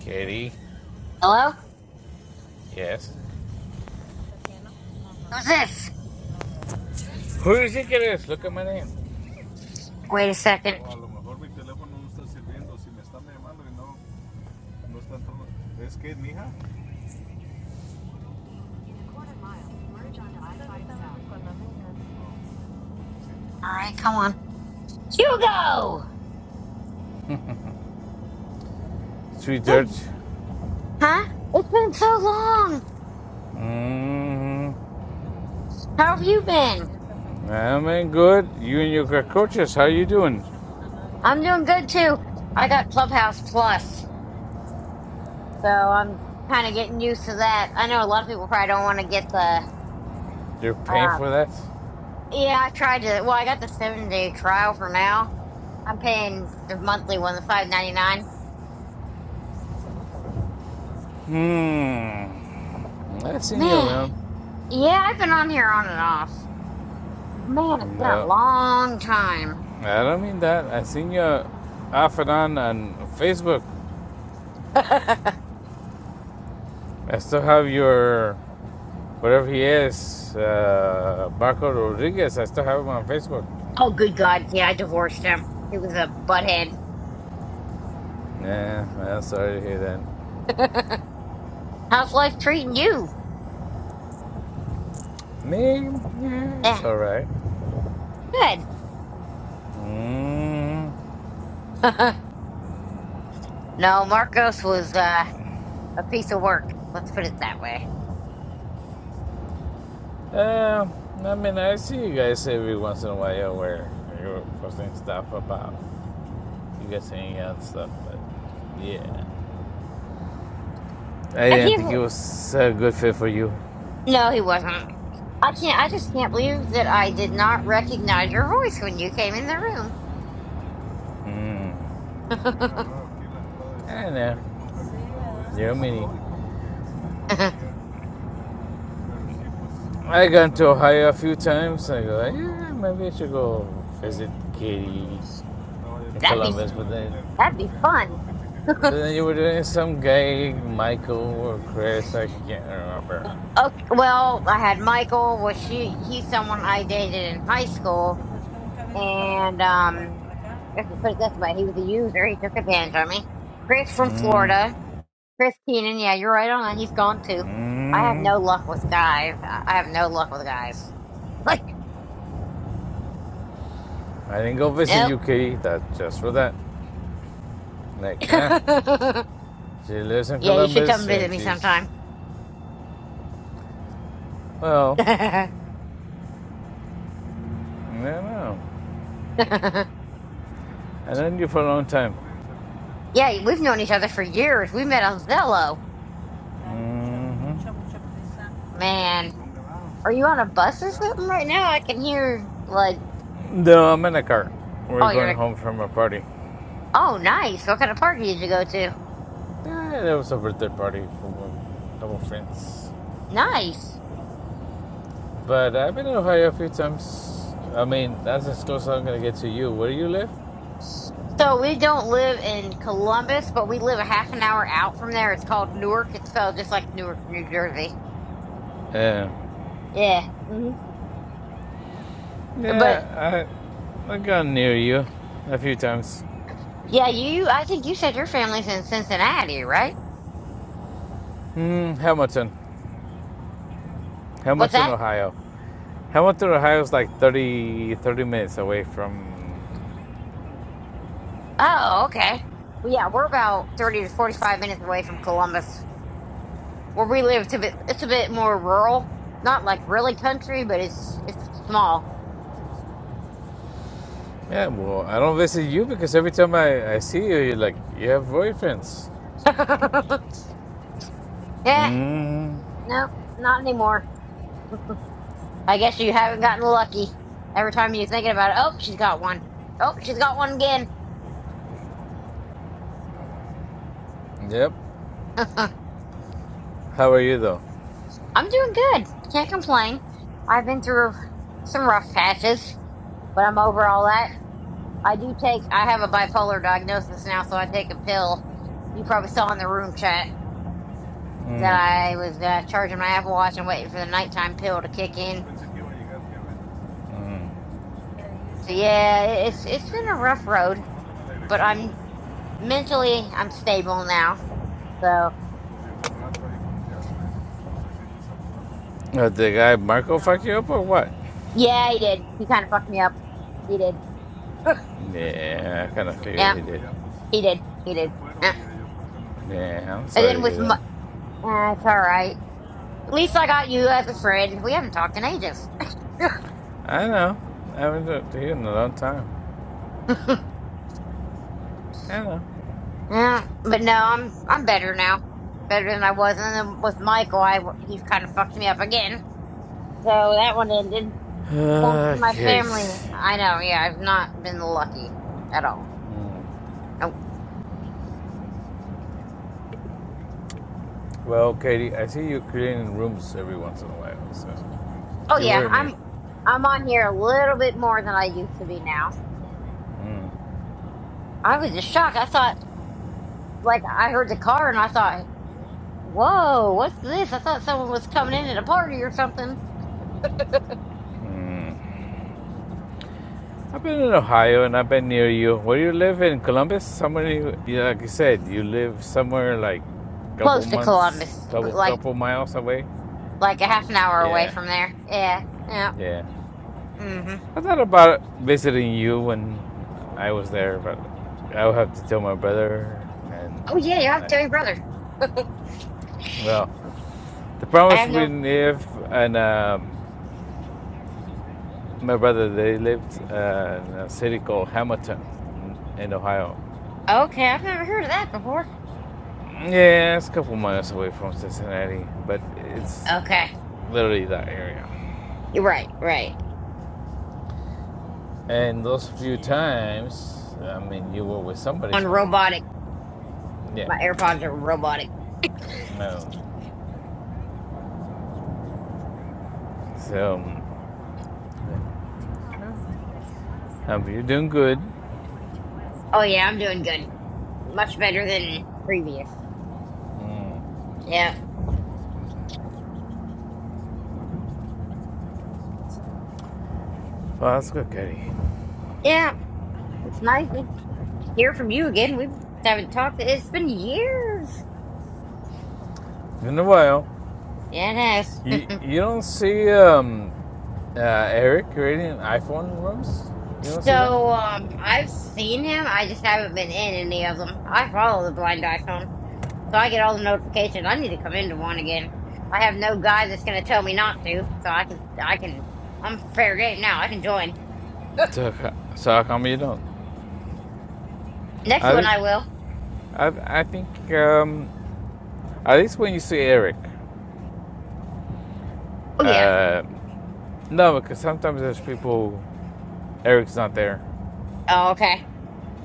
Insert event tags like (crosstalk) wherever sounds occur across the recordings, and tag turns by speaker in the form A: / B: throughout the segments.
A: Katie,
B: Hello? (laughs)
A: yes.
B: Who's this?
A: Who do you think it is? Look at my name.
B: Wait a second. Alright, come on. Hugo!
A: Sweetheart.
B: Good- Huh? It's been so long.
A: Mm,
B: How have you been?
A: I'm in good. You and your cockroaches, how you doing?
B: I'm doing good too. I got Clubhouse Plus, so I'm kind of getting used to that. I know a lot of people probably don't want to get the,
A: You're paying
B: uh,
A: for that?
B: yeah, I tried to, well, I got the seven day trial for now. I'm paying the monthly one, the five ninety nine.
A: Hmm. I seen you
B: Man,
A: around.
B: yeah, I've been on here on and off. Man, it's been a
A: No,
B: long time.
A: I don't mean that. I seen you off and on on Facebook.
B: (laughs)
A: I still have your, whatever he is, uh, Marco Rodriguez. I still have him on Facebook.
B: Oh, good God. Yeah, I divorced him. He was a butthead.
A: Nah, am sorry to hear that.
B: How's life treating you?
A: Me? Yeah, it's
B: Yeah,
A: alright.
B: good.
A: Mm.
B: (laughs) no, Marcos was uh, a piece of work. Let's put it that way.
A: Uh, I mean, I see you guys every once in a while where you're posting stuff about you guys hanging out and stuff, but yeah. I
B: I
A: didn't
B: can't.
A: think it
B: bel-
A: was a good fit for you.
B: No, he wasn't. I can't. I just can't believe that I did not recognize your voice when you came in the room.
A: Mm.
B: (laughs)
A: I know. You're a mini.
B: that'd
A: I gone to Ohio a few times. I go, yeah, maybe I should go visit Katie in
B: be
A: Columbus. But then,
B: that'd be fun. (laughs)
A: but then you were doing some guy, Michael or Chris. I can't remember.
B: Okay, well, I had Michael. Was she? He's someone I dated in high school. And um, let's just put it this way: he was a user. He took advantage of me. Chris from
A: Mm,
B: Florida, Chris Keenan. Yeah, you're right on that. He's gone too. I have
A: mm.
B: no luck with guys. I I have no luck with guys. (laughs) Like,
A: I didn't go visit
B: nope.
A: you, Katie. That just for that. Like, huh?
B: (laughs)
A: She lives in
B: yeah, you should come
A: Columbus,
B: visit
A: and
B: me
A: she's
B: sometime. (laughs)
A: well.
B: yeah,
A: I don't know. I known you for a long time.
B: we've known each other for years. We met on Zello.
A: hmm
B: Man, are you on a bus or something right now? I can hear like,
A: No, I'm in a car. We're
B: oh, you're.
A: going
B: like,
A: home from a party.
B: Oh, nice. What kind of party did you go to?
A: Yeah, it was a birthday party for a couple friends.
B: Nice.
A: But I've been in Ohio a few times. I mean, that's as close as I'm gonna get to you. Where do you live?
B: So we don't live in Columbus, but we live a half an hour out from there. It's called Newark. It's spelled just like Newark, New Jersey.
A: Uh,
B: Yeah. hmm But
A: yeah, I I gone near you a few times.
B: yeah, you. I think you said your family's in Cincinnati, right?
A: Mm, Hamilton,
B: What's
A: Hamilton,
B: that?
A: Ohio. Hamilton, Ohio is like 30 30 minutes away from.
B: Oh, okay. Well, yeah, we're about thirty to forty-five minutes away from Columbus, where we live. It's a bit. It's a bit more rural. Not like really country, but it's it's small.
A: Yeah, well, I don't visit you because every time I, I see you, you're like you have boyfriends.
B: (laughs) yeah.
A: Mm.
B: No, not anymore. I guess you haven't gotten lucky. Every time you're thinking about it, oh, she's got one. Oh, she's got one again.
A: Yep.
B: (laughs) I'm
A: How are you though?
B: doing good. Can't complain. I've been through some rough patches, but I'm over all that. I do take, I have a bipolar diagnosis now, so I take a pill. You probably saw in the room chat that
A: Mm.
B: I was uh, charging my Apple Watch and waiting for the nighttime pill to kick in.
A: Mm.
B: So yeah, it's it's been a rough road, but I'm mentally I'm stable now. So
A: Uh, did the guy Marco fuck you up or what?
B: Yeah, he did. He kind of fucked me up. He did. (laughs)
A: Yeah, I kind of figured
B: Yeah,
A: he did.
B: he did. He did. Yeah.
A: Yeah, I'm
B: And
A: sorry
B: then
A: to hear
B: with my,
A: that.
B: uh, it's all right. At least I got you as a friend. We haven't talked in ages.
A: I know. I haven't talked to you in a long time.
B: (laughs)
A: I know.
B: Yeah, but no, I'm I'm better now. Better than I was. And then with Michael, I he kind of fucked me up again. So that one ended. Thanks to
A: Uh,
B: my
A: Kate.
B: family. I know. Yeah, I've not been lucky at all.
A: Mm.
B: Nope.
A: Well, Katie, I see you cleaning rooms every once in a while, so
B: Oh
A: you
B: yeah,
A: worry me.
B: I'm I'm on here a little bit more than I used to be now.
A: Mm.
B: I was just shocked. I thought. like I heard the car and I thought, "Whoa, what's this?" I thought someone was coming in at a party or something
A: Mm. I've been in Ohio and I've been near you. Where do you live in Columbus? Somewhere, yeah, like you said, you live somewhere like a couple
B: close to
A: months,
B: Columbus, but
A: couple
B: like
A: couple miles away.
B: like a half an hour away
A: Yeah,
B: from there. Yeah, yeah.
A: yeah.
B: hmm
A: I thought about visiting you when I was there, but I would have to tell my brother. And
B: Oh yeah, you have to
A: I,
B: tell your brother.
A: well, the problem
B: I
A: is
B: have
A: we
B: no.
A: live and um, my brother they lived uh, in a city called Hamilton in Ohio.
B: Okay, I've never heard of that before.
A: Yeah, it's a couple miles away from Cincinnati, but it's
B: Okay,
A: literally that area.
B: you're right, right.
A: And those few times, I mean, you were with somebody,
B: On
A: so like,
B: robotic,
A: yeah,
B: my AirPods are robotic.
A: no. So, um, you're doing good.
B: Oh yeah, I'm doing good, much better than previous.
A: Mm.
B: Yeah,
A: Well, that's good, Katie.
B: yeah. It's nice to hear from you again. We haven't talked. It's been years.
A: It's been a while.
B: Yeah, it has.
A: You you don't see um, uh, Eric creating iPhone rooms. You don't see that.
B: So, um, I've seen him. I just haven't been in any of them. I follow the blind iPhone, so I get all the notifications. I need to come into one again. I have no guy that's gonna tell me not to, so I can, I can, I'm fair game now. I can join.
A: So, so how come you don't?
B: Next
A: I
B: one,
A: think
B: I will.
A: I, I think um, at least when you see Eric,
B: Oh yeah.
A: Uh, no, because sometimes there's people. Eric's not there,
B: Oh okay.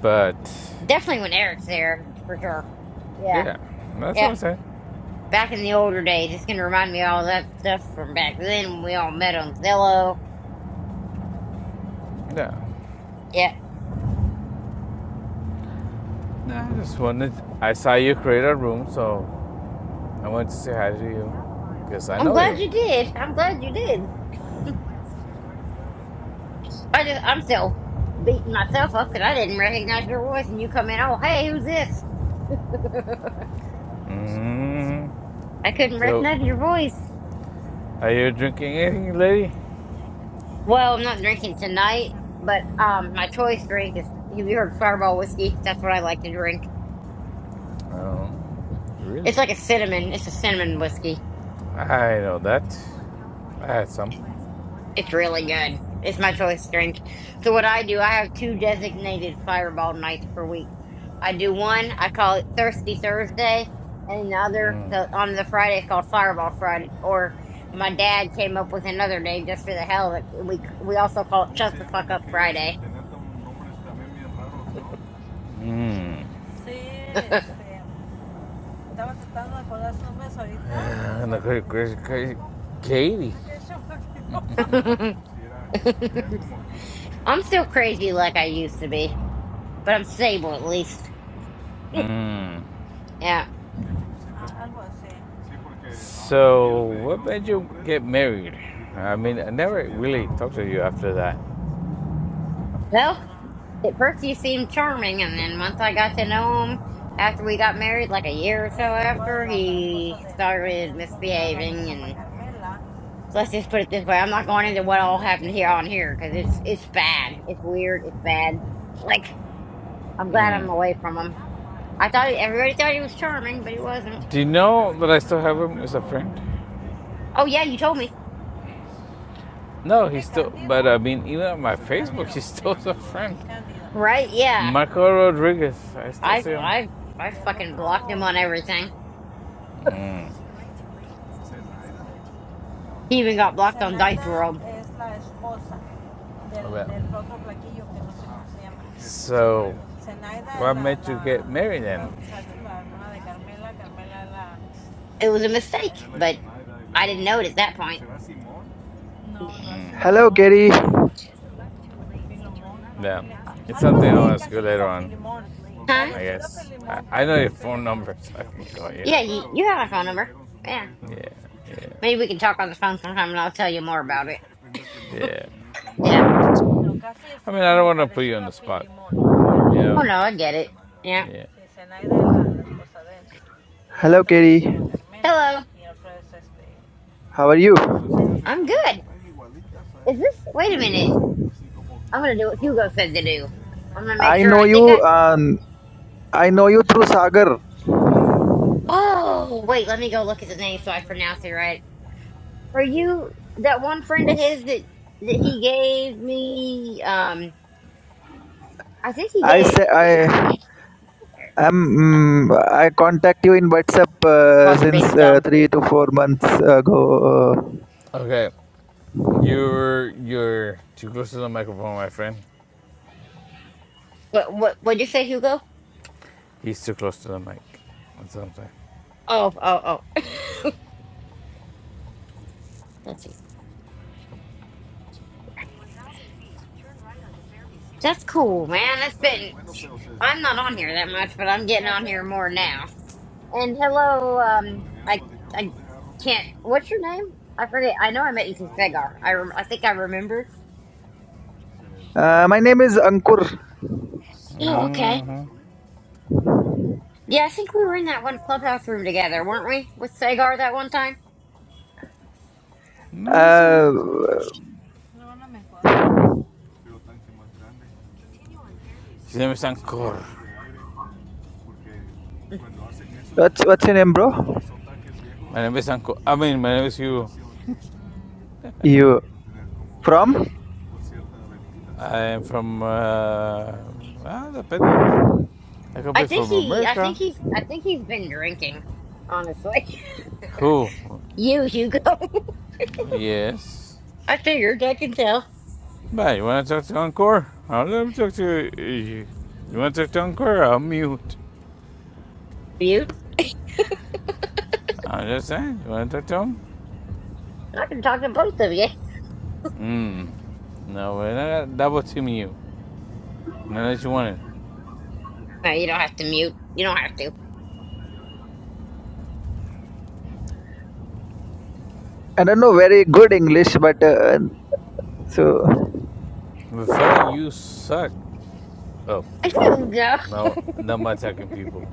A: but
B: Definitely when Eric's there for sure. Yeah,
A: yeah, that's what
B: yeah.
A: I'm saying.
B: Back in the older days, it's gonna remind me of all that stuff from back then when we all met on Zillow.
A: Yeah,
B: Yeah.
A: Nah, I just wanted. I saw you create a room, so I wanted to say hi to you because I
B: I'm
A: know
B: glad
A: you.
B: you did. I'm glad you did. I just I'm still beating myself up because I didn't recognize your voice, and you come in. Oh, hey, who's this?
A: Mm.
B: (laughs) I couldn't
A: So,
B: recognize your voice.
A: are you drinking anything, lady?
B: Well, I'm not drinking tonight, but um, my choice drink is. Have you heard Fireball whiskey? That's what I like to drink.
A: Oh,
B: It's
A: really?
B: like a cinnamon. It's a cinnamon whiskey.
A: I know that. I had some.
B: It's really good. It's my choice drink. So what I do, I have two designated fireball nights per week. I do one, I call it Thirsty Thursday, and the other
A: Mm.
B: the on the Friday it's called Fireball Friday. Or my dad came up with another name just for the hell of it. We we also call it Shut the Fuck Up Friday.
A: Mm.
B: (laughs)
A: Ah, no, crazy, crazy, crazy. Katie. (laughs)
B: I'm still crazy like I used to be, but I'm stable at least.
A: Mm.
B: Yeah.
A: So, what made you get married? I mean, I never really talked to you after that.
B: Well. At first, he seemed charming, and then once I got to know him, after we got married, like a year or so after, he started misbehaving. And so let's just put it this way: I'm not going into what all happened here on here because it's it's bad, it's weird, it's bad. Like I'm glad
A: Mm.
B: I'm away from him. I thought everybody thought he was charming, but he wasn't.
A: Do you know that I still have him as a friend?
B: Oh yeah, you told me,
A: No, he's still, but I mean, even on my Facebook, he's still a friend.
B: right? Yeah,
A: Marco Rodriguez, I still
B: I've
A: see him.
B: I've I fucking blocked him on everything.
A: Mm.
B: He even got blocked on Dice World.
A: Well. So, what made you get married then?
B: It was a mistake, but I didn't know it at that point.
C: Hello, Gary.
A: Yeah. It's something I'll ask you later on,
B: Huh?
A: I guess. I, I know your phone number, so I can call you.
B: Yeah, you, you have my phone number. Yeah.
A: Yeah, yeah.
B: Maybe we can talk on the phone sometime and I'll tell you more about it.
A: (laughs) Yeah,
B: Yeah.
A: Yeah. I mean, I don't wanna put you on the spot. Yeah.
B: Oh, no, I get it. Yeah.
A: Yeah.
C: Hello, Gary.
B: Hello.
C: How are you?
B: I'm good. Is this? Wait a minute. I'm going to do what Hugo said to do. I'm going to make
C: I
B: sure
C: know
B: I think
C: you.
B: I.
C: Um, I know you through Sagar.
B: Oh, wait. Let me go look at the name so I pronounce it right. Are you that one friend of his that, that he gave me? Um, I think he
C: I
B: gave.
C: say I
B: I got her.
C: am. mm I contact you in WhatsApp uh,
B: Pause for
C: since
B: being
C: uh,
B: dumb.
C: three to four months ago.
A: Okay. You're you're too close to the microphone, my friend.
B: What, what, what'd you say, Hugo?
A: He's too close to the mic. That's what I'm saying.
B: Oh, oh, oh. (laughs) Let's see. That's cool, man. it has been I'm not on here that much, but I'm getting on here more now. And hello, um, I I can't. What's your name? I forget. I know I met you through Fegar. I rem- I think I remember.
C: Uh, my name is Ankur.
B: Oh, okay.
A: Mm-hmm.
B: Yeah, I think we were in that one clubhouse room together, weren't we? With Fegar that one time.
A: No, he's there.
C: Uh,
A: Se me zancó.
C: what's what's your name, bro?
A: My name is Anko. I mean, my name is you. (laughs)
C: You from?
A: I'm from. Uh, ah, depending. I could
B: I
A: be
B: think
A: from
B: he. I
A: America.
B: think he's. I think he's been drinking. Honestly,
A: Who?
B: (laughs) you Hugo.
A: Yes.
B: (laughs) I figured I can tell
A: Bye. You want to talk to Encore? I'll let him talk to you. You want to talk to Encore? I'll mute.
B: Mute.
A: I'm just saying. You want to talk to him?
B: I can talk to both of you.
A: Hmm. No, we're not double teaming you. Not that you want it.
B: No, you don't have to mute. You don't have to.
C: I don't know very good English, but uh, so.
A: My friend, you suck. Oh,
B: (laughs)
A: well,
B: Hugo.
A: no, no more attacking people.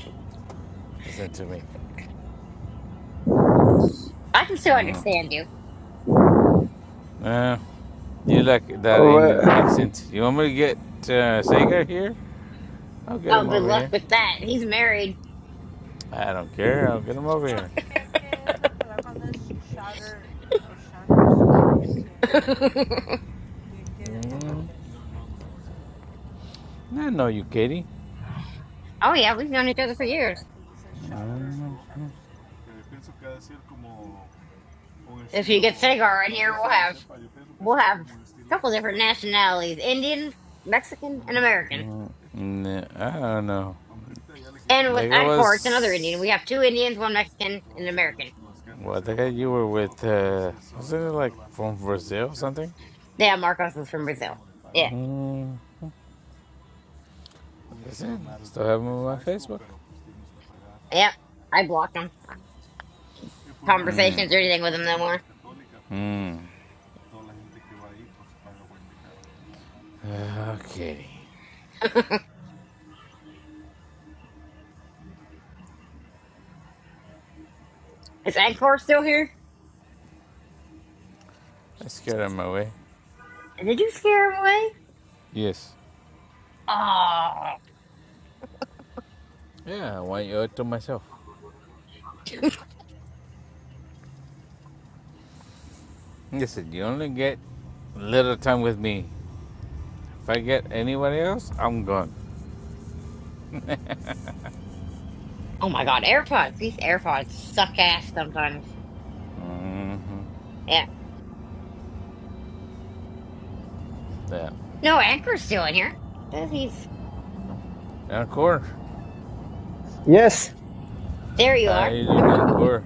A: Listen to me.
B: I can still
A: Mm.
B: understand you.
A: Uh, you like that Indian
C: Uh,
A: accent? You want me to get uh, Sagar here? I'll get
B: Oh,
A: him
B: good
A: over
B: luck
A: here.
B: with that. He's married.
A: I don't care. I'll get him over here.
B: (laughs) oh
A: Mm. I know you, Katie.
B: yeah, we've known each other for years. If you get Sagar in here, we'll have we'll have a couple different nationalities: Indian, Mexican, and American.
A: Mm, I don't know.
B: And with
A: There
B: Encore, it's another Indian.
A: was.
B: We have two Indians, one Mexican, and an American.
A: Well, the guy you were with, uh, wasn't it like from Brazil or something?
B: Yeah, Marcos is from Brazil. Yeah,
A: Mm, is it? Still have him on my Facebook.
B: yeah. I blocked him.
A: Mm.
B: Conversations or anything with him no more.
A: Mm. Okay.
B: Is Encore still here?
A: Let's get out of my way.
B: Did you scare him away?
A: Yes.
B: Oh,
A: Yeah, I want you all to myself. Listen, you only get little time with me. If I get anybody else, I'm gone.
B: oh my God! AirPods. These AirPods suck ass sometimes.
A: Mm-hmm.
B: Yeah.
A: Yeah.
B: No, Edgar's still in here. Says he's
A: Encore.
C: Yes.
B: there. You
A: How
B: are.
A: you doing, Encore?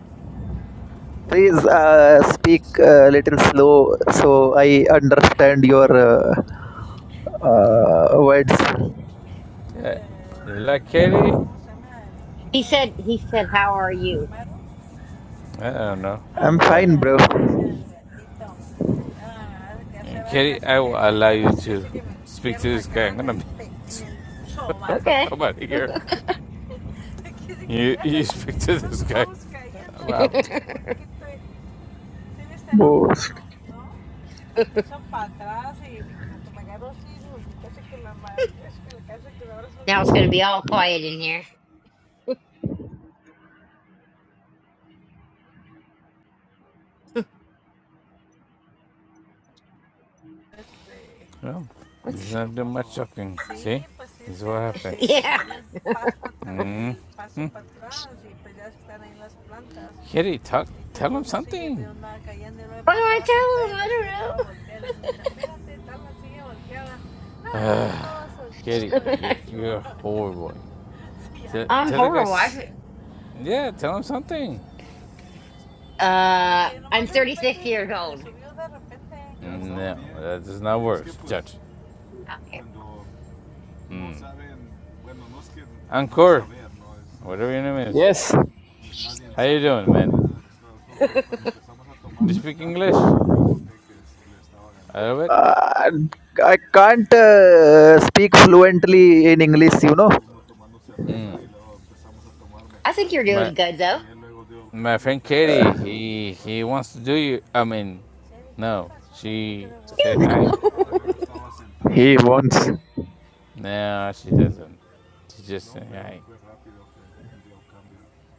C: Please uh, speak a little slow so I understand your uh, uh, words.
A: Yeah. You like Katie?
B: He said. He said, "How are you?"
A: I don't know.
C: I'm
A: I'm blind.
C: fine, bro.
A: And Katie, I will allow you to speak to this guy. I'm going gonna be (laughs)
B: Okay.
A: I'm out of (laughs) here. You you speak to this guy. I'm
B: (laughs)
A: out.
C: Most.
B: now it's going to be all quiet in here.
A: No, he's
B: What's?
A: not do much talking. See? This is what
B: (laughs)
A: happens.
B: Yeah.
A: Mm. Mm. Kitty, talk, tell him something.
B: What do I
A: Ah, Kitty,
B: tell him? I don't know.
A: you, you're a horrible. (laughs) Tell,
B: (laughs) I'm
A: tell the
B: horrible.
A: guys,
B: I,
A: yeah, tell him something.
B: uh, I'm 36 years old.
A: No, that does not work, Judge.
B: Okay.
A: Mm. Anchor. Whatever your name is. How you doing, man?
B: (laughs)
A: Do you speak English? A little bit.
C: Uh, I can't uh, speak fluently in English, you know.
A: Mm.
B: I think you're
A: My
B: doing good though.
A: my friend Katie, he he wants to do you. I mean, no, she say
B: Hugo,
A: hi.
C: He wants.
A: No, she doesn't. She just say hi.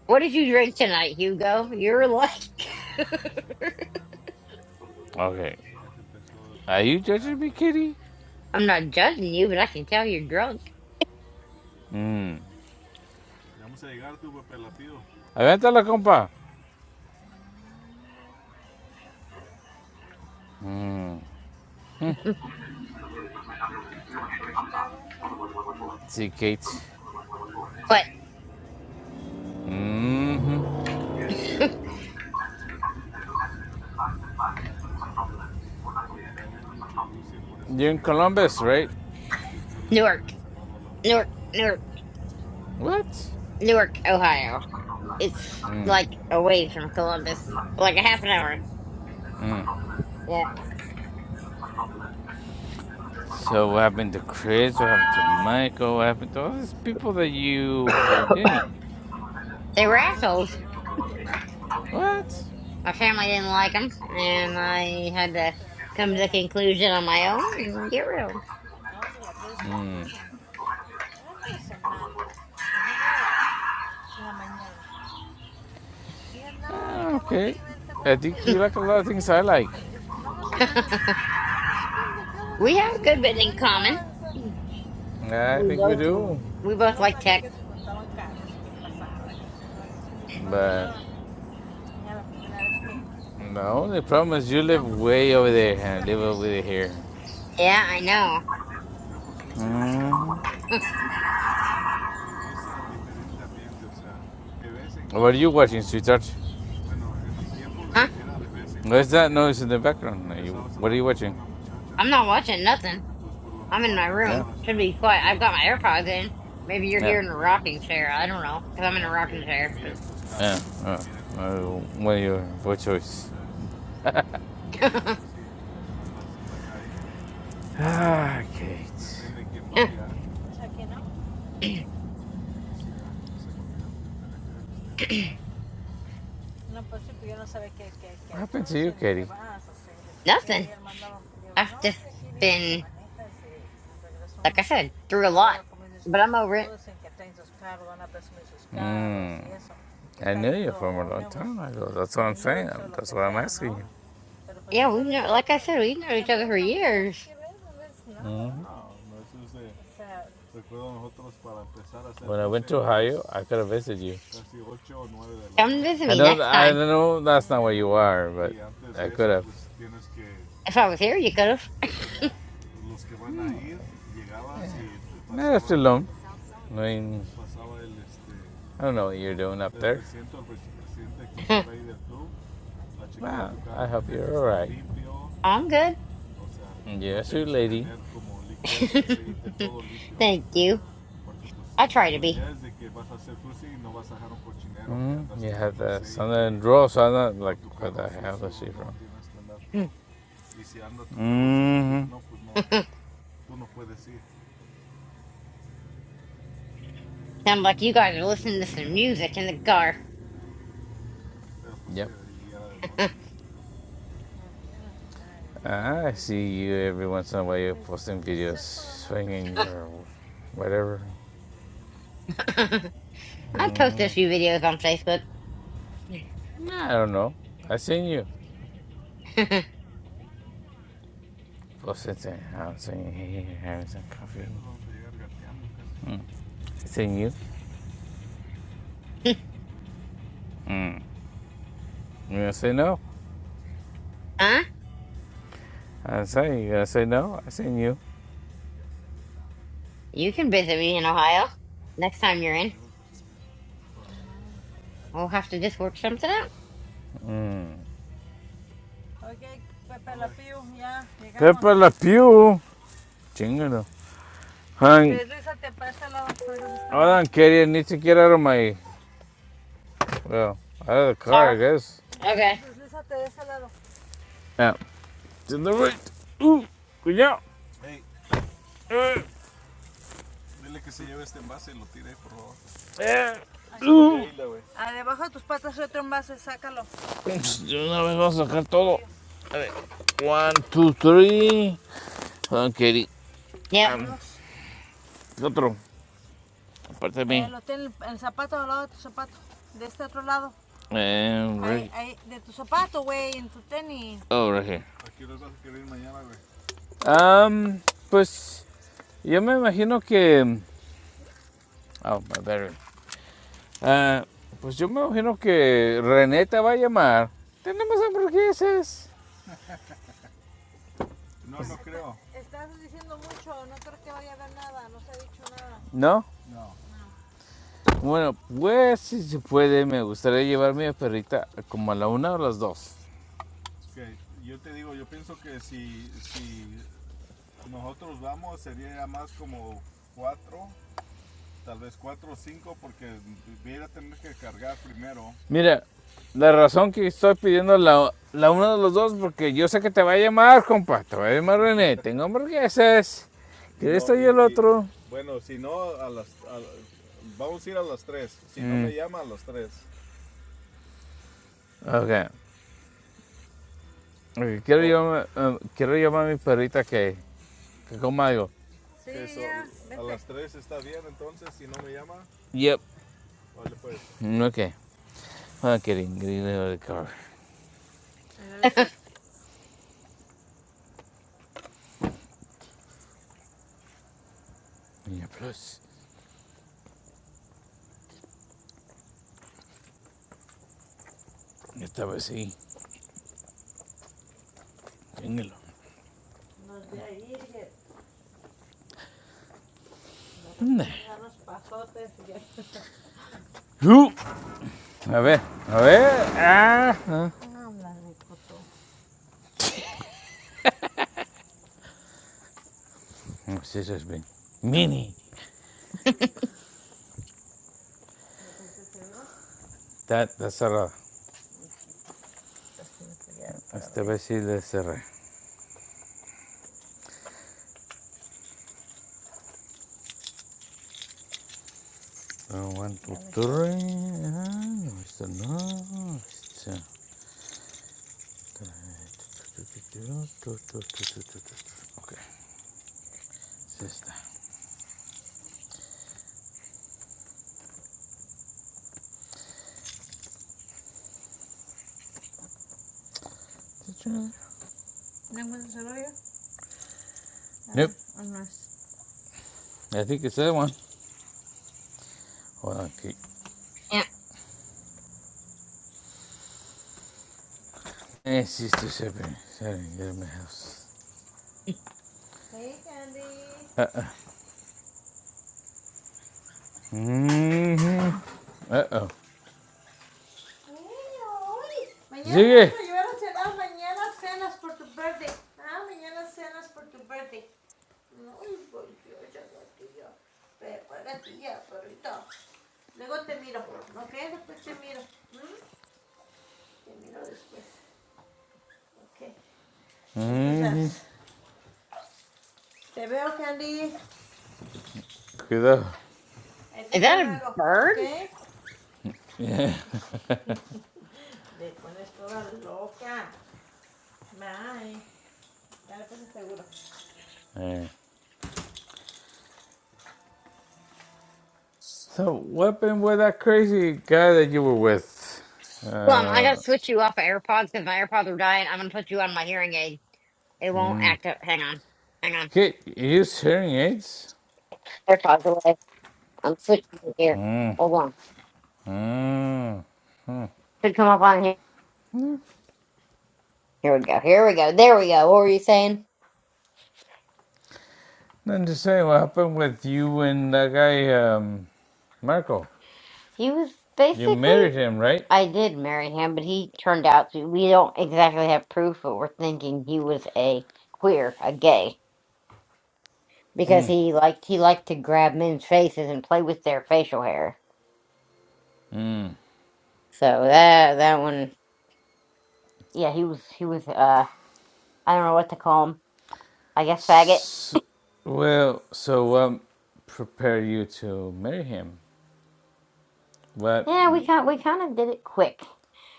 B: what did you drink tonight, Hugo? You're like,
A: Okay. Are you judging me, Katie?
B: (laughs) I'm not judging you, but I can tell you're drunk.
A: Mm. Avéntala, compa. Mm. Mm. See, Kate.
B: But
A: hmm
B: (laughs)
A: You're in Columbus, right?
B: Newark, Newark, Newark,
A: What?
B: Newark, Ohio. It's
A: Mm.
B: like away from Columbus, like a half an hour.
A: Mm.
B: Yeah.
A: So, what happened to Chris? What happened to Michael? What happened to all these people that you were dating?
B: They were assholes.
A: What?
B: My family didn't like them, and I had to come to the conclusion on my own and get rid of 'em.
A: Mm. Ah, okay. I think you like a lot of things I like.
B: (laughs) we have a good bit in common.
A: Yeah, I
B: We
A: think we
B: both
A: do.
B: we both like tech.
A: But sabía no, the problem is you live way over there and I live over here.
B: Yeah, I know.
A: Mhm.
B: (laughs)
A: What are you watching, sweetheart?
B: huh?
A: What's that noise in the background? what are you watching?
B: I'm not watching nothing. I'm in my
A: Yeah.
B: room. Should be quiet. I've got my AirPods in. Maybe you're
A: Yeah.
B: here in a rocking chair. I don't know, cause I'm in a rocking chair.
A: Yeah. Uh, uh, what, your, choice? (laughs)
B: But
A: ah,
B: (laughs)
A: Kate. que era.
B: nothing. I've just been. like I said, through a lot. But I'm over it.
A: Mm.
B: Yeah, we've known, like I said, we've known each other for years.
A: Ohio, I could have visited you.
B: Come and visit
A: I
B: me
A: know,
B: next
A: I
B: time.
A: know that's not where you are,
B: If I was here, you could
A: No, that's too long. I mean, I don't know what you're doing up there.
B: have.
A: Wow, I hope you're alright.
B: (laughs) I'm good.
A: Yes, your lady.
B: (laughs) Thank you. I try to be.
A: hmm You have the and draw, so I'm not like, where the hell is she from? Mhm.
B: (laughs) Sound like you guys are listening to some music in the car.
A: Yep. Uh, I see you every once in a while You're posting videos swinging or whatever.
B: (laughs) I post a
A: Mm,
B: few videos on Facebook.
A: nah, I don't know. I seen you
B: (laughs)
A: posting saying, I'm saying, hey, having some coffee. Mm. I seen you. Mm. You gonna say no?
B: huh?
A: I say, you gonna say no? I seen you.
B: You can visit me in Ohio. Next time you're in, we'll have to just work something out.
A: Mm. yeah. Pepe Peppa La Pew! Chingalo. Hang. I don't carry it, need to get out of my, well, out of the car, I
B: Or,
A: guess.
B: okay.
A: Yeah. Til den right. Uh, cuidado. Eh, eh, uh. Ups, de una vez vamos a sacar todo. A ver. One, two, three. Hold on, Katie.
B: Yep.
A: Um, otro. Aparte de mí. Eh, Ahí, right. ahí, Oh, right here. Um. pues yo me imagino que. Oh, my battery. Ah, pues yo me imagino que Reneta va a llamar. Tenemos hamburguesas. ¿No? Bueno, pues si se puede, me gustaría llevarme a perrita como a la una o las dos. Mira, la razón que estoy pidiendo la, la una o las dos, porque yo sé que te va a llamar, compa. Te va a llamar René. Tengo hamburguesas. Si Que esto y el otro. tres. mm. tres. Ok. Ok, Quiero llamar, um, quiero llamar a mi perrita que, que coma algo. Yep. Mm, Ok. I'm kidding. Getting out of the car. Yeah, plus. Esta vez sí. Engel. Nee. Hoe? હવે હવે આ હા. Jezus ben. Mini. Dat the sarà. Este besile sarà. One two three. Ah, este no. Este. Okay. Sister. Nope. I think it's that one. Hold on, Kate.
B: Yep.
A: Hey, sister shipping. Sorry, get in my house. Uh-uh. Mm-hmm. Uh-oh. Sigue. Mhm. Cuidado.
B: Is that a bird?
A: Yeah. (laughs) Alright. So, what happened with that crazy guy that you were with?
B: Hold on, I gotta
A: Uh,
B: switch you off of AirPods because my AirPods are dying. I'm gonna put you on my hearing aid. It won't
A: mm.
B: act up. Hang on, hang on.
A: he used hearing aids?
B: AirPods away. I'm switching it here.
A: Mm.
B: Hold on.
A: Mm.
B: Should come up on here. Here we go. Here we go. There we go. What were you saying?
A: Then to say, what happened with you and that guy, um, Marco?
B: He was
A: You
B: basically.
A: married him, right?
B: I did marry him, but he turned out to. We don't exactly have proof, but we're thinking he was a queer, a gay, because he liked he liked to grab men's faces and play with their facial hair. So that that one, yeah, he was he was. Uh. I don't know what to call him. I guess faggot.
A: S well, so what um, prepared you to marry him? What?
B: Yeah, we kind we kind of did it quick.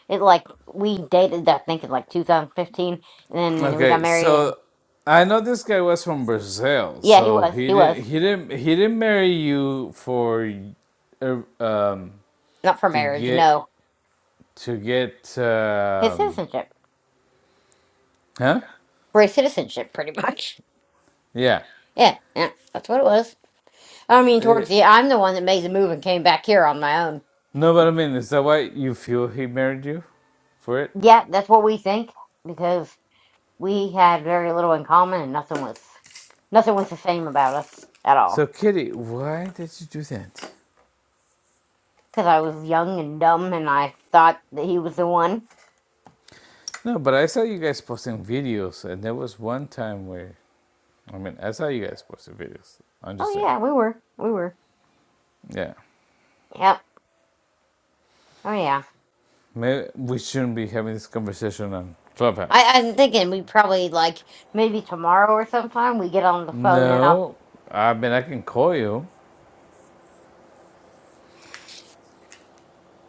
B: It like we dated I think in like 2015, and then we got
A: Okay,
B: married. And
A: so I know this guy was from Brazil,
B: yeah, he
A: so
B: was
A: he
B: he was
A: didn't he didn't he didn't marry you for uh, um
B: not for
A: to
B: marriage.
A: get
B: No,
A: to get
B: his
A: um
B: citizenship
A: huh?
B: for his citizenship, pretty (laughs) much.
A: Yeah.
B: Yeah, yeah, that's what it was. I mean,
A: Eh,
B: towards the I'm the one that made the move and came back here on my own.
A: no, but I mean, is that why you feel he married you for it?
B: Yeah, that's what we think because we had very little in common and nothing was nothing was the same about us at all.
A: So, Kitty, why did you do that?
B: because I was young and dumb and I thought that he was the one.
A: No, but I saw you guys posting videos, and there was one time where I mean, that's how you guys post your videos. I'm just
B: Oh
A: saying.
B: yeah, we were. We were.
A: Yeah.
B: Yep. Oh yeah.
A: Maybe we shouldn't be having this conversation on
B: I, I'm
A: Clubhouse.
B: thinking we probably like maybe tomorrow or sometime we get on the phone and I'll
A: No. I mean, I can call you.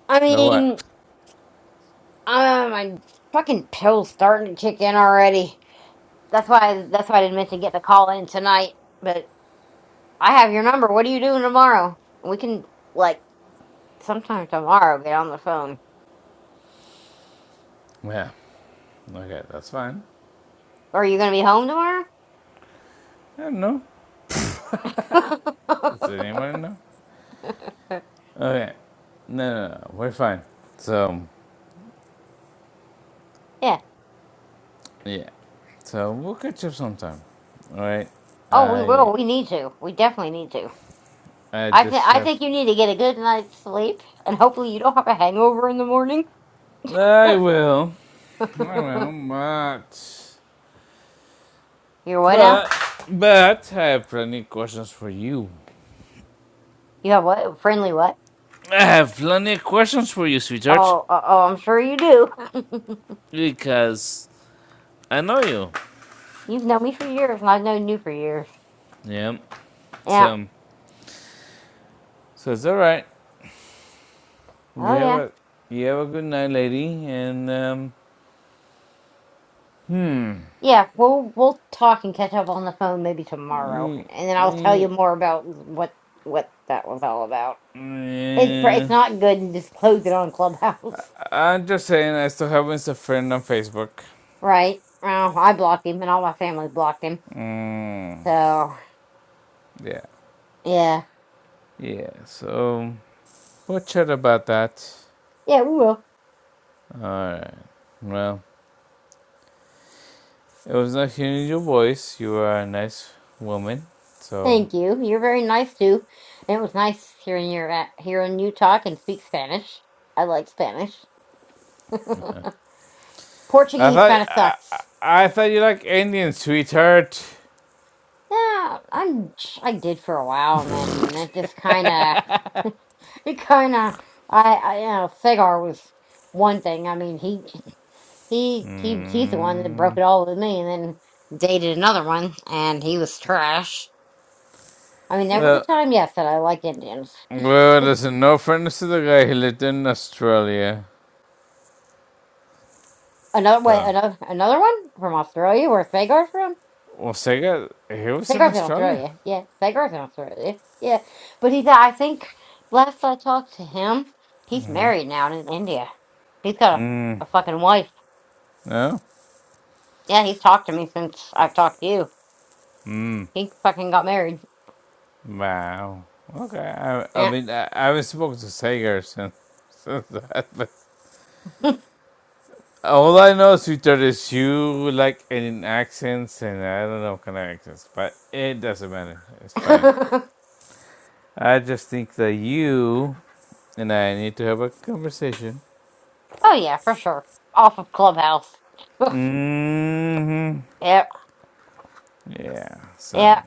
B: I
A: But what?
B: mean uh, my fucking pill's starting to kick in already. That's why that's why I didn't mention getting a call in tonight. But I have your number. What are you doing tomorrow? We can like sometime tomorrow get on the phone.
A: Yeah. Okay, that's fine.
B: Or are you gonna be home tomorrow?
A: I don't know. Does anyone know?
B: (laughs)
A: Okay. No, no, no. We're fine. So,
B: Yeah.
A: yeah. So, we'll catch up sometime. All right.
B: Oh, we
A: I
B: will. We need to. We definitely need to.
A: I
B: I th-
A: just
B: I
A: have.
B: think you need to get a good night's sleep, and hopefully you don't have a hangover in the morning. (laughs)
A: I will. I will. But.
B: You're what now?
A: But but I have plenty of questions for you.
B: You have what? Friendly what?
A: I have plenty of questions for you, sweetheart,
B: Oh, uh, oh, I'm sure you do.
A: because I know you.
B: (laughs) You've known me for years, and I've known you for years.
A: Yeah.
B: Yeah.
A: So so it's all right. You
B: Oh
A: have
B: yeah.
A: a you have a good night, lady, and um.
B: Yeah. We'll we'll talk and catch up on the phone maybe tomorrow,
A: y-
B: and then I'll tell you
A: y-
B: more about what what that was all about. It's pr-
A: eh,
B: it's not good to just close it on Clubhouse.
A: I'm just saying, I still have as a friend on Facebook.
B: Right. Well, I blocked him, and all my family blocked him.
A: Mm,
B: So,
A: yeah,
B: yeah,
A: yeah. So we'll chat about that.
B: yeah, we will.
A: All right. Well, It was nice hearing your voice. You are a nice woman. So
B: Thank you. You're very nice too. And it was nice hearing your a- hearing you talk and speak Spanish. I like Spanish. (laughs)
A: I
B: Portuguese
A: thought
B: kind of
A: I, I
B: sucks.
A: thought you like Indian, sweetheart.
B: Yeah, I'm. I did for a while, and then it just kind of, (laughs) it kind of. I, I, you know, Segar was one thing. I mean, he, he, he, he's the one that broke
A: Mm.
B: it all with me, and then dated another one, and he was trash I mean, there was a
A: Well,
B: time, yes, that I liked Indians.
A: well, there's no offense to the guy. He lived in Australia.
B: Another way,
A: So,
B: another another one from Australia, where Sagar's from.
A: well, Sega, he was in
B: Sagar's in
A: Australia.
B: Australia, yeah. Sagar's in Australia, yeah. But he's, I think, last I talked to him, he's married now and in India. He's got a,
A: Mm.
B: a fucking wife.
A: No.
B: Yeah, he's talked to me since I've talked to you.
A: Mm.
B: He fucking got married.
A: Wow. Okay. I, I
B: Yeah.
A: mean, I, I haven't spoken to Sega since, (laughs) since that. but
B: (laughs)
A: All I know, sweetheart, is you like in accents, and I don't know what kind of accents, but it doesn't matter. It's fine.
B: oh
A: I just think that you and I need to have a conversation.
B: yeah, for sure. Off of Clubhouse. (laughs)
A: hmm
B: yep,
A: Yeah. So,
B: yep,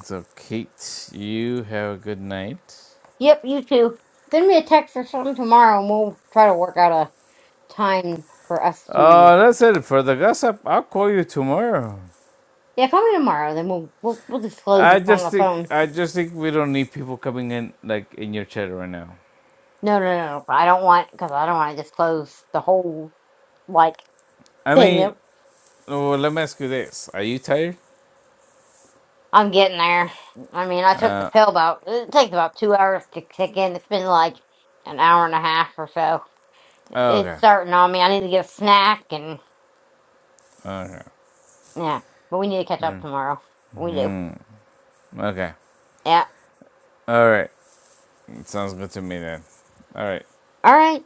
A: so Kate, you have a good night.
B: yep. You too. Send me a text or something tomorrow, and we'll try to work out a time for us to.
A: Oh, that's it for the gossip. I'll call you tomorrow.
B: Yeah, call me tomorrow. Then we'll we'll, we'll disclose
A: I
B: it on the
A: just think
B: phone.
A: I just think we don't need people coming in like in your chat right now.
B: No, no, no. no, I don't want because I don't want to disclose the whole like
A: I
B: thing
A: mean,
B: that
A: well, let me ask you this: Are you tired?
B: I'm getting there. I mean, I took the
A: Uh,
B: pill about it takes about two hours to kick in. It's been like an hour and a half or so.
A: Oh,
B: It's
A: Okay.
B: starting on me. I need to get a snack and
A: Okay.
B: yeah, but we need to catch up tomorrow. We do.
A: hmm Okay.
B: Yeah.
A: All right. Sounds good to me then. All right.
B: All right.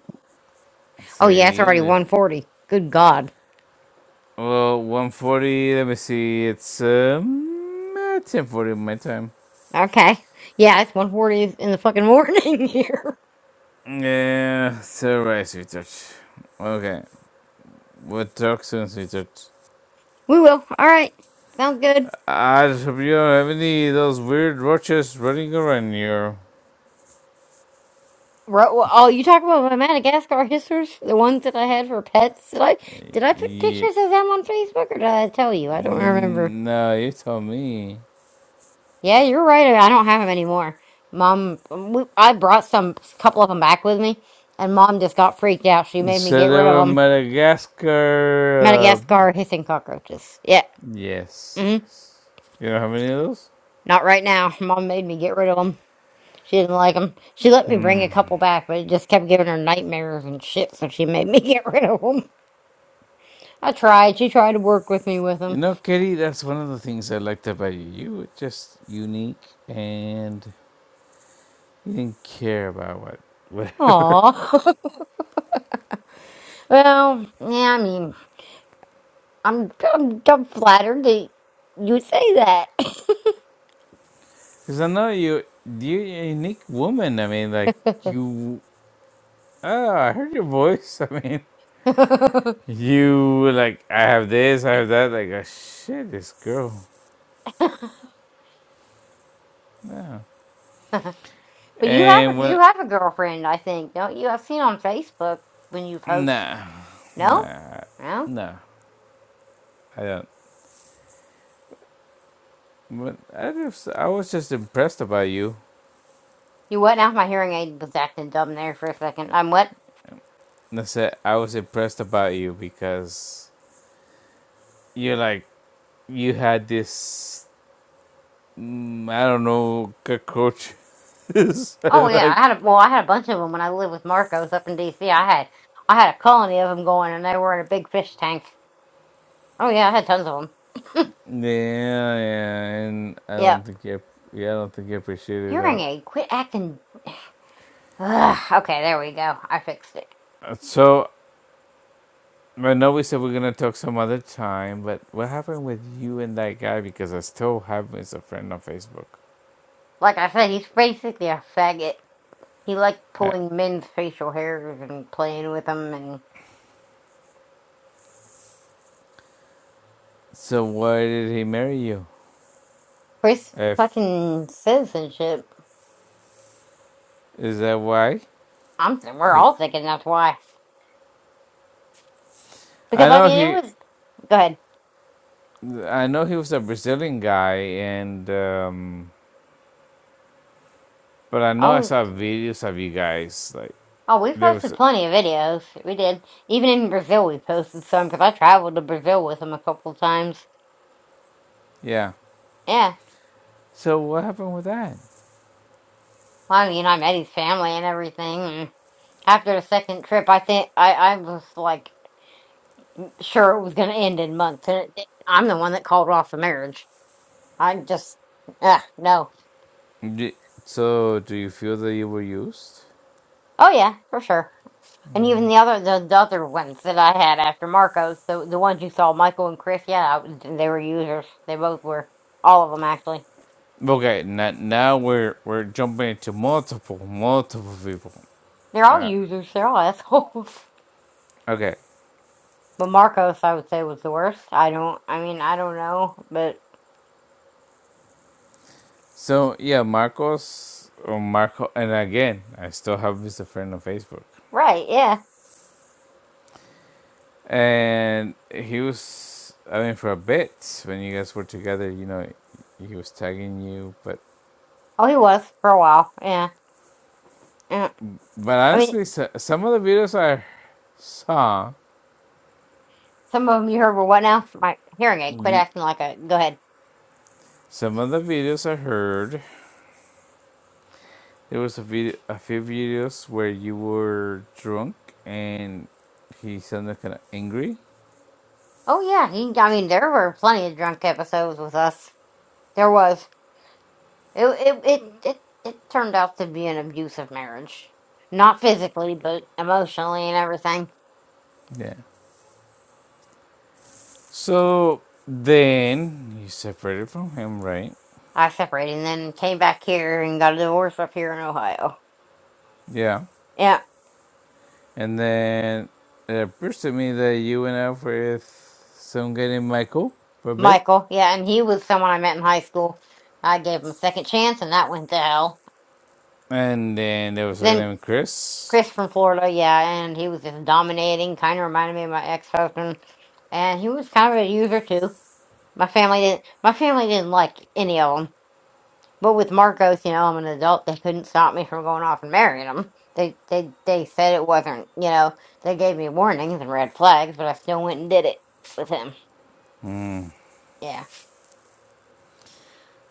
B: Oh yeah, it's
A: See you
B: already
A: later.
B: one forty. Good God.
A: Well, 140. Let me see. It's um 10:40 my time.
B: Okay. Yeah, it's one forty in the fucking morning (laughs) here.
A: Yeah. So right, sweetheart. Okay. We'll talk soon, sweetheart.
B: We will. All right. Sounds good.
A: I just hope you don't have any of those weird roaches running around here.
B: Ro- well, Oh, you talk about my Madagascar histories, the ones that I had for pets. Did I did I put
A: Yeah.
B: pictures of them on Facebook, or did I tell you? I don't remember.
A: No, you told me.
B: Yeah, you're right. I don't have them anymore. Mom, we, I brought some couple of them back with me, and Mom just got freaked out. She
A: You
B: made me
A: said
B: get
A: they
B: rid
A: were
B: of
A: in
B: them.
A: Madagascar. uh,
B: Madagascar hissing cockroaches. Yeah,
A: Yes,
B: hmm
A: yes. You know how many of those?
B: not right now. (laughs) Mom made me get rid of them. She didn't like them. She let me bring a couple back, but it just kept giving her nightmares and shit. So she made me (laughs) get rid of them. I tried. She tried to work with me with
A: You
B: him.
A: know, Katie, that's one of the things I liked about you. You were just unique and you didn't care about what.
B: Aw. (laughs) well, yeah, I mean, I'm, I'm, I'm flattered that you say that.
A: Because I know you, you're a unique woman. I mean, like, you. Oh, I heard your voice. (laughs) I mean,
B: (laughs)
A: you were like, I have this, I have that. Like, oh, shit, this girl. No.
B: but you have
A: And
B: a,
A: when.
B: you have a girlfriend, I think, don't you? I've seen on Facebook when you post.
A: Nah.
B: No?
A: Nah.
B: No?
A: Nah. I don't. But I, just, I was just impressed about you.
B: You what? Now my hearing aid was acting dumb there for a second. I'm what?
A: That's it. I was impressed about you because you're like you had this mm, I don't know cockroach. (laughs)
B: Oh
A: And
B: yeah, I
A: like
B: had a, well, I had a bunch of them when I lived with Marcos up in D.C. I had I had a colony of them going, and they were in a big fish tank. Oh yeah, I had tons of
A: yeah, yeah, and I
B: them.
A: don't think you yeah, I don't think you appreciated
B: Hearing
A: that.
B: aid, quit acting. Ugh, okay, there we go. I fixed it.
A: Uh, So I know we said we're gonna talk some other time, but what happened with you and that guy? Because I still have him as a friend on Facebook.
B: Like I said, he's basically a faggot. He liked
A: Uh,
B: pulling men's facial hairs and playing with them and
A: so why did he marry you?
B: for his
A: If
B: fucking citizenship.
A: is that why?
B: I'm we're
A: I
B: all thinking that's why.
A: I
B: Because I
A: know
B: mean, it
A: he
B: was go ahead.
A: I know he was a Brazilian guy, and um, but I know I
B: Oh,
A: saw videos of you guys. Like
B: oh, we
A: there was,
B: posted plenty of videos. We did. Even in Brazil, we posted some because I traveled to Brazil with him a couple times.
A: yeah.
B: Yeah.
A: So what happened with that?
B: Well, I mean, I met his family and everything. And after the second trip, I think I I was like. sure it was going to end in months, and it, did. I'm the one that called off the marriage. I just, ugh, no.
A: D so do you feel that you were used?
B: Oh yeah, for sure. And even
A: Yeah.
B: the other the, the other ones that I had after Marcos, the the ones you saw, Michael and Chris, yeah, I- they were users. They both were. All of them actually.
A: Okay. Now, now we're we're jumping into multiple multiple people.
B: They're all
A: Yeah.
B: users. They're all assholes. (laughs)
A: Okay.
B: But Marcos, I would say, was the worst. I don't. I mean, I don't know, but
A: So yeah, Marcos or Marco, and again, I still have his friend on Facebook.
B: right, yeah.
A: And he was, I mean, for a bit when you guys were together, you know, he was tagging you. But
B: Oh, he was for a while. Yeah. yeah.
A: but
B: I mean,
A: honestly, so, some of the videos I saw,
B: some of them you heard were what now? My hearing aid. Quit
A: the,
B: acting like a. Go ahead.
A: some of the videos I heard, there was a video, a few videos where you were drunk and he sounded kind of angry.
B: Oh yeah, he. I mean there were plenty of drunk episodes with us. There was. It it it it, it turned out to be an abusive marriage, not physically, but emotionally and everything.
A: Yeah. So then you separated from him, right?
B: I separated and then came back here and got a divorce up here in Ohio.
A: Yeah.
B: Yeah,
A: And then it appears to me that you went out with some guy named Michael for a bit.
B: Michael. Yeah, and he was someone I met in high school. I gave him a second chance, and that went to hell.
A: And then there was a guy
B: Then
A: named Chris.
B: Chris from Florida. Yeah, and he was just dominating. Kind of reminded me of my ex husband, and he was kind of a user too. My family didn't. My family didn't like any of them. But with Marcos, you know, I'm an adult. They couldn't stop me from going off and marrying him. They they they said it wasn't. You know, they gave me warnings and red flags, but I still went and did it with him. Yeah,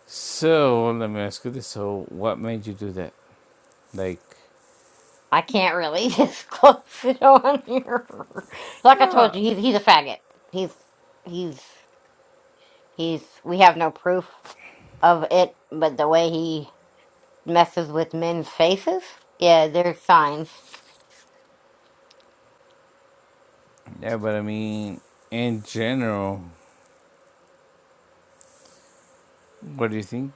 A: So let me ask you this. So what made you do that? Like,
B: I can't really (laughs) disclose it on here. Like I told you,
A: no.
B: he's he's a faggot. He's he's he's. We have no proof of it, but the way he messes with men's faces, yeah, there's signs.
A: Yeah, but I mean, in general, what do you think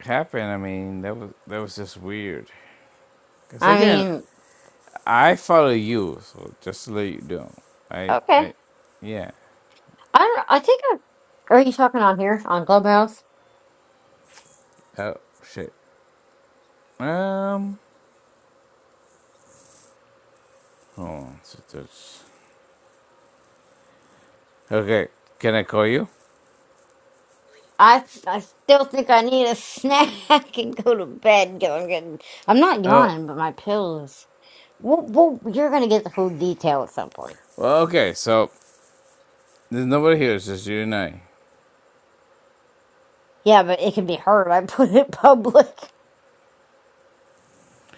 A: happened? I mean, that was that was just weird. Because
B: I
A: again,
B: mean,
A: I follow you, so just to let you know. I,
B: okay.
A: I, yeah.
B: I don't. I think. I, are you talking on here on Clubhouse?
A: Oh, shit. Um, hold on. So that's Okay, can I call you?
B: I I still think I need a snack (laughs) and go to bed because I'm getting. I'm not
A: Oh,
B: yawning, but my pills. Well, well, you're gonna get the full detail at some point.
A: well, okay. So there's nobody here. It's just you and I.
B: Yeah, but it can be heard. I (laughs) put it public.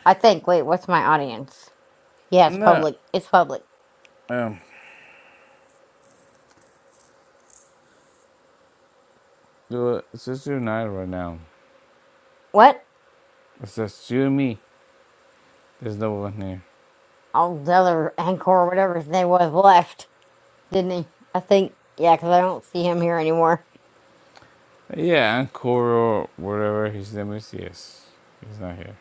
B: I think. Wait, what's my audience? Yeah, it's
A: No,
B: public. It's public.
A: um, well, it's just you and I right now.
B: What?
A: It's just you and me. There's no one here.
B: All the other anchor or whatever his name was left, didn't he? I think. Yeah, because I don't see him here anymore.
A: Yeah, Ancora, whatever his name is. Yes, he's not here.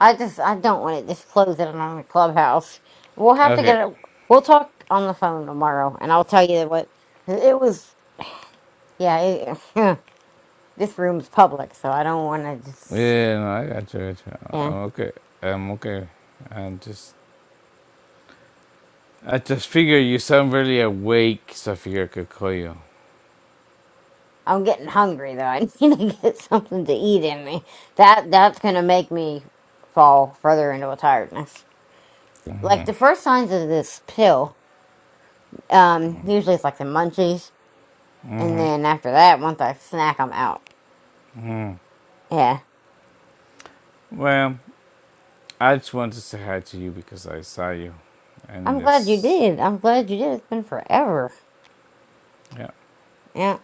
B: I just I don't want it disclosing on the clubhouse. We'll have to
A: Okay.
B: get it. We'll talk on the phone tomorrow, and I'll tell you what it was. Yeah, it, (laughs) this room's public, so I don't want to just.
A: Yeah, no, I got you. I got you.
B: Yeah,
A: I'm okay. I'm okay. I'm just. I just figured you sound really awake, so I figured I could call you.
B: I'm getting hungry though. I (laughs) need to get something to eat in me. That that's gonna make me fall further into a tiredness. Like the first signs of this pill, um, usually it's like the munchies, and then after that, once I snack, I'm out. Yeah.
A: Well, I just wanted to say hi to you because I saw you, and
B: I'm glad you
A: this
B: did. I'm glad you did. It's been forever.
A: Yeah.
B: Yeah.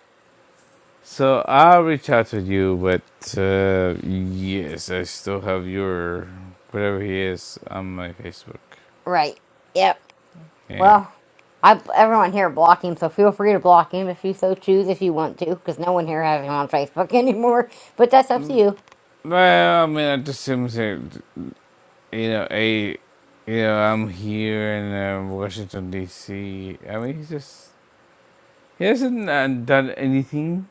A: So I will reach out to you, but uh, yes, I still have your whatever he is on my Facebook.
B: Right. Yep.
A: Yeah.
B: Well, I everyone here block him, so feel free to block him if you so choose, if you want to, because no one here has him on Facebook (laughs) anymore. But that's up to you.
A: Well, I mean, I just him that you know, a, you know, I'm here in uh, Washington D.C. I mean, he's just he hasn't uh, done anything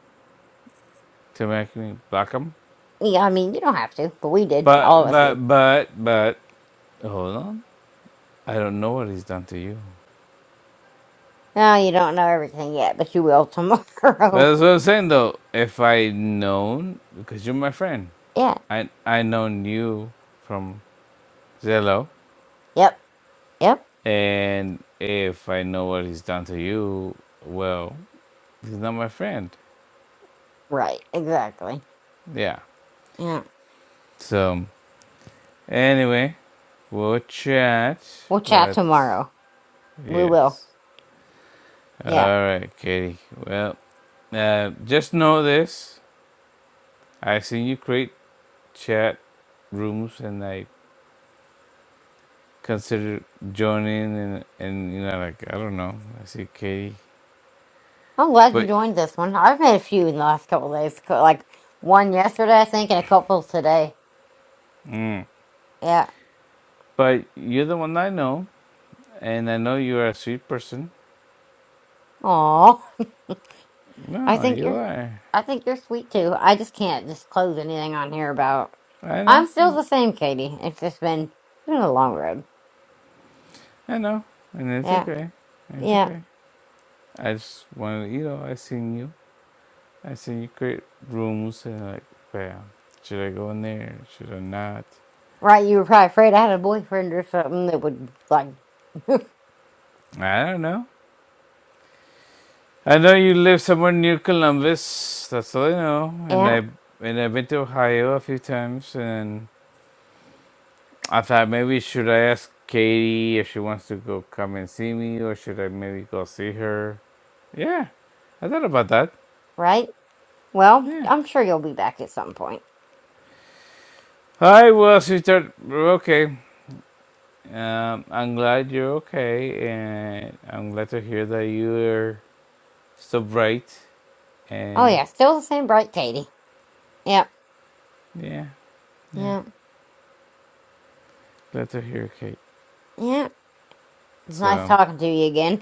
A: to make me block him.
B: Yeah, I mean, you don't have to, but we did.
A: But
B: All of us
A: but
B: did.
A: but but hold on, I don't know what he's done to you.
B: No, you don't know everything yet, but you will
A: Well,
B: tomorrow.
A: that's what I'm saying though. If I known, because you're my friend.
B: (laughs) yeah.
A: I I know you from Zello,
B: Yep. Yep.
A: and if I know what he's done to you, well, he's not my friend.
B: Right. Exactly.
A: Yeah.
B: Yeah.
A: So anyway, we'll chat.
B: We'll chat
A: But
B: tomorrow. We will.
A: yes. All
B: Yeah.
A: right, Katie. Well, uh, just know this: I seen you create chat rooms, and I consider joining, and and you know, like I don't know. I see Katie,
B: I'm glad you
A: but.
B: joined this one. I've made a few in the last couple of days, co- like one yesterday, I think, and a couple today.
A: Mm.
B: Yeah.
A: But you're the one I know, And I know you're a sweet person.
B: Aw. (laughs) I
A: No,
B: think
A: you
B: you're,
A: are.
B: I think you're sweet too. I just can't disclose anything on here about.
A: I
B: I'm
A: know.
B: still the same, Katie. It's just been, it's been a long road.
A: I know. And it's
B: Yeah.
A: okay. It's
B: Yeah.
A: okay. I just wanted, to, you know, I seen you. I seen you create rooms and like, bam. Should I go in there? Should I not?
B: Right. You were probably afraid I had a boyfriend or something that would like. (laughs)
A: I don't know. I know you live somewhere near Columbus. That's all I know. And
B: yeah.
A: I and I've been to Ohio a few times. And I thought maybe should I ask Katie if she wants to go come and see me, or should I maybe go see her? Yeah, I thought about that.
B: Right. Well,
A: Yeah.
B: I'm sure you'll be back at some point.
A: Hi, well, sister. Okay. Um, I'm glad you're okay, and I'm glad to hear that you're so bright.
B: Oh
A: And
B: yeah, still the same bright Katie. Yep.
A: yeah, yeah,
B: Yeah.
A: glad to hear, Kate.
B: Yeah. Nice
A: So,
B: talking to you again.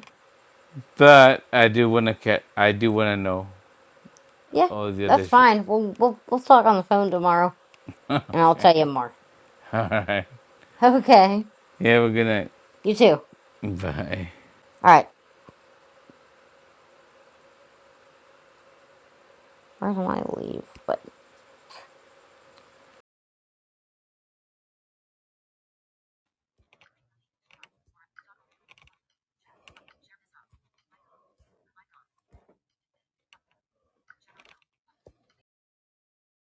A: but I do wanna get, I do wanna know
B: Yeah,
A: all the other
B: that's
A: shit.
B: fine. We'll we'll we'll talk on the phone tomorrow,
A: (laughs)
B: and I'll
A: okay.
B: tell you more. (laughs)
A: All right.
B: Okay.
A: Yeah, we're gonna.
B: You too. All
A: Bye.
B: right. Where do I leave? But.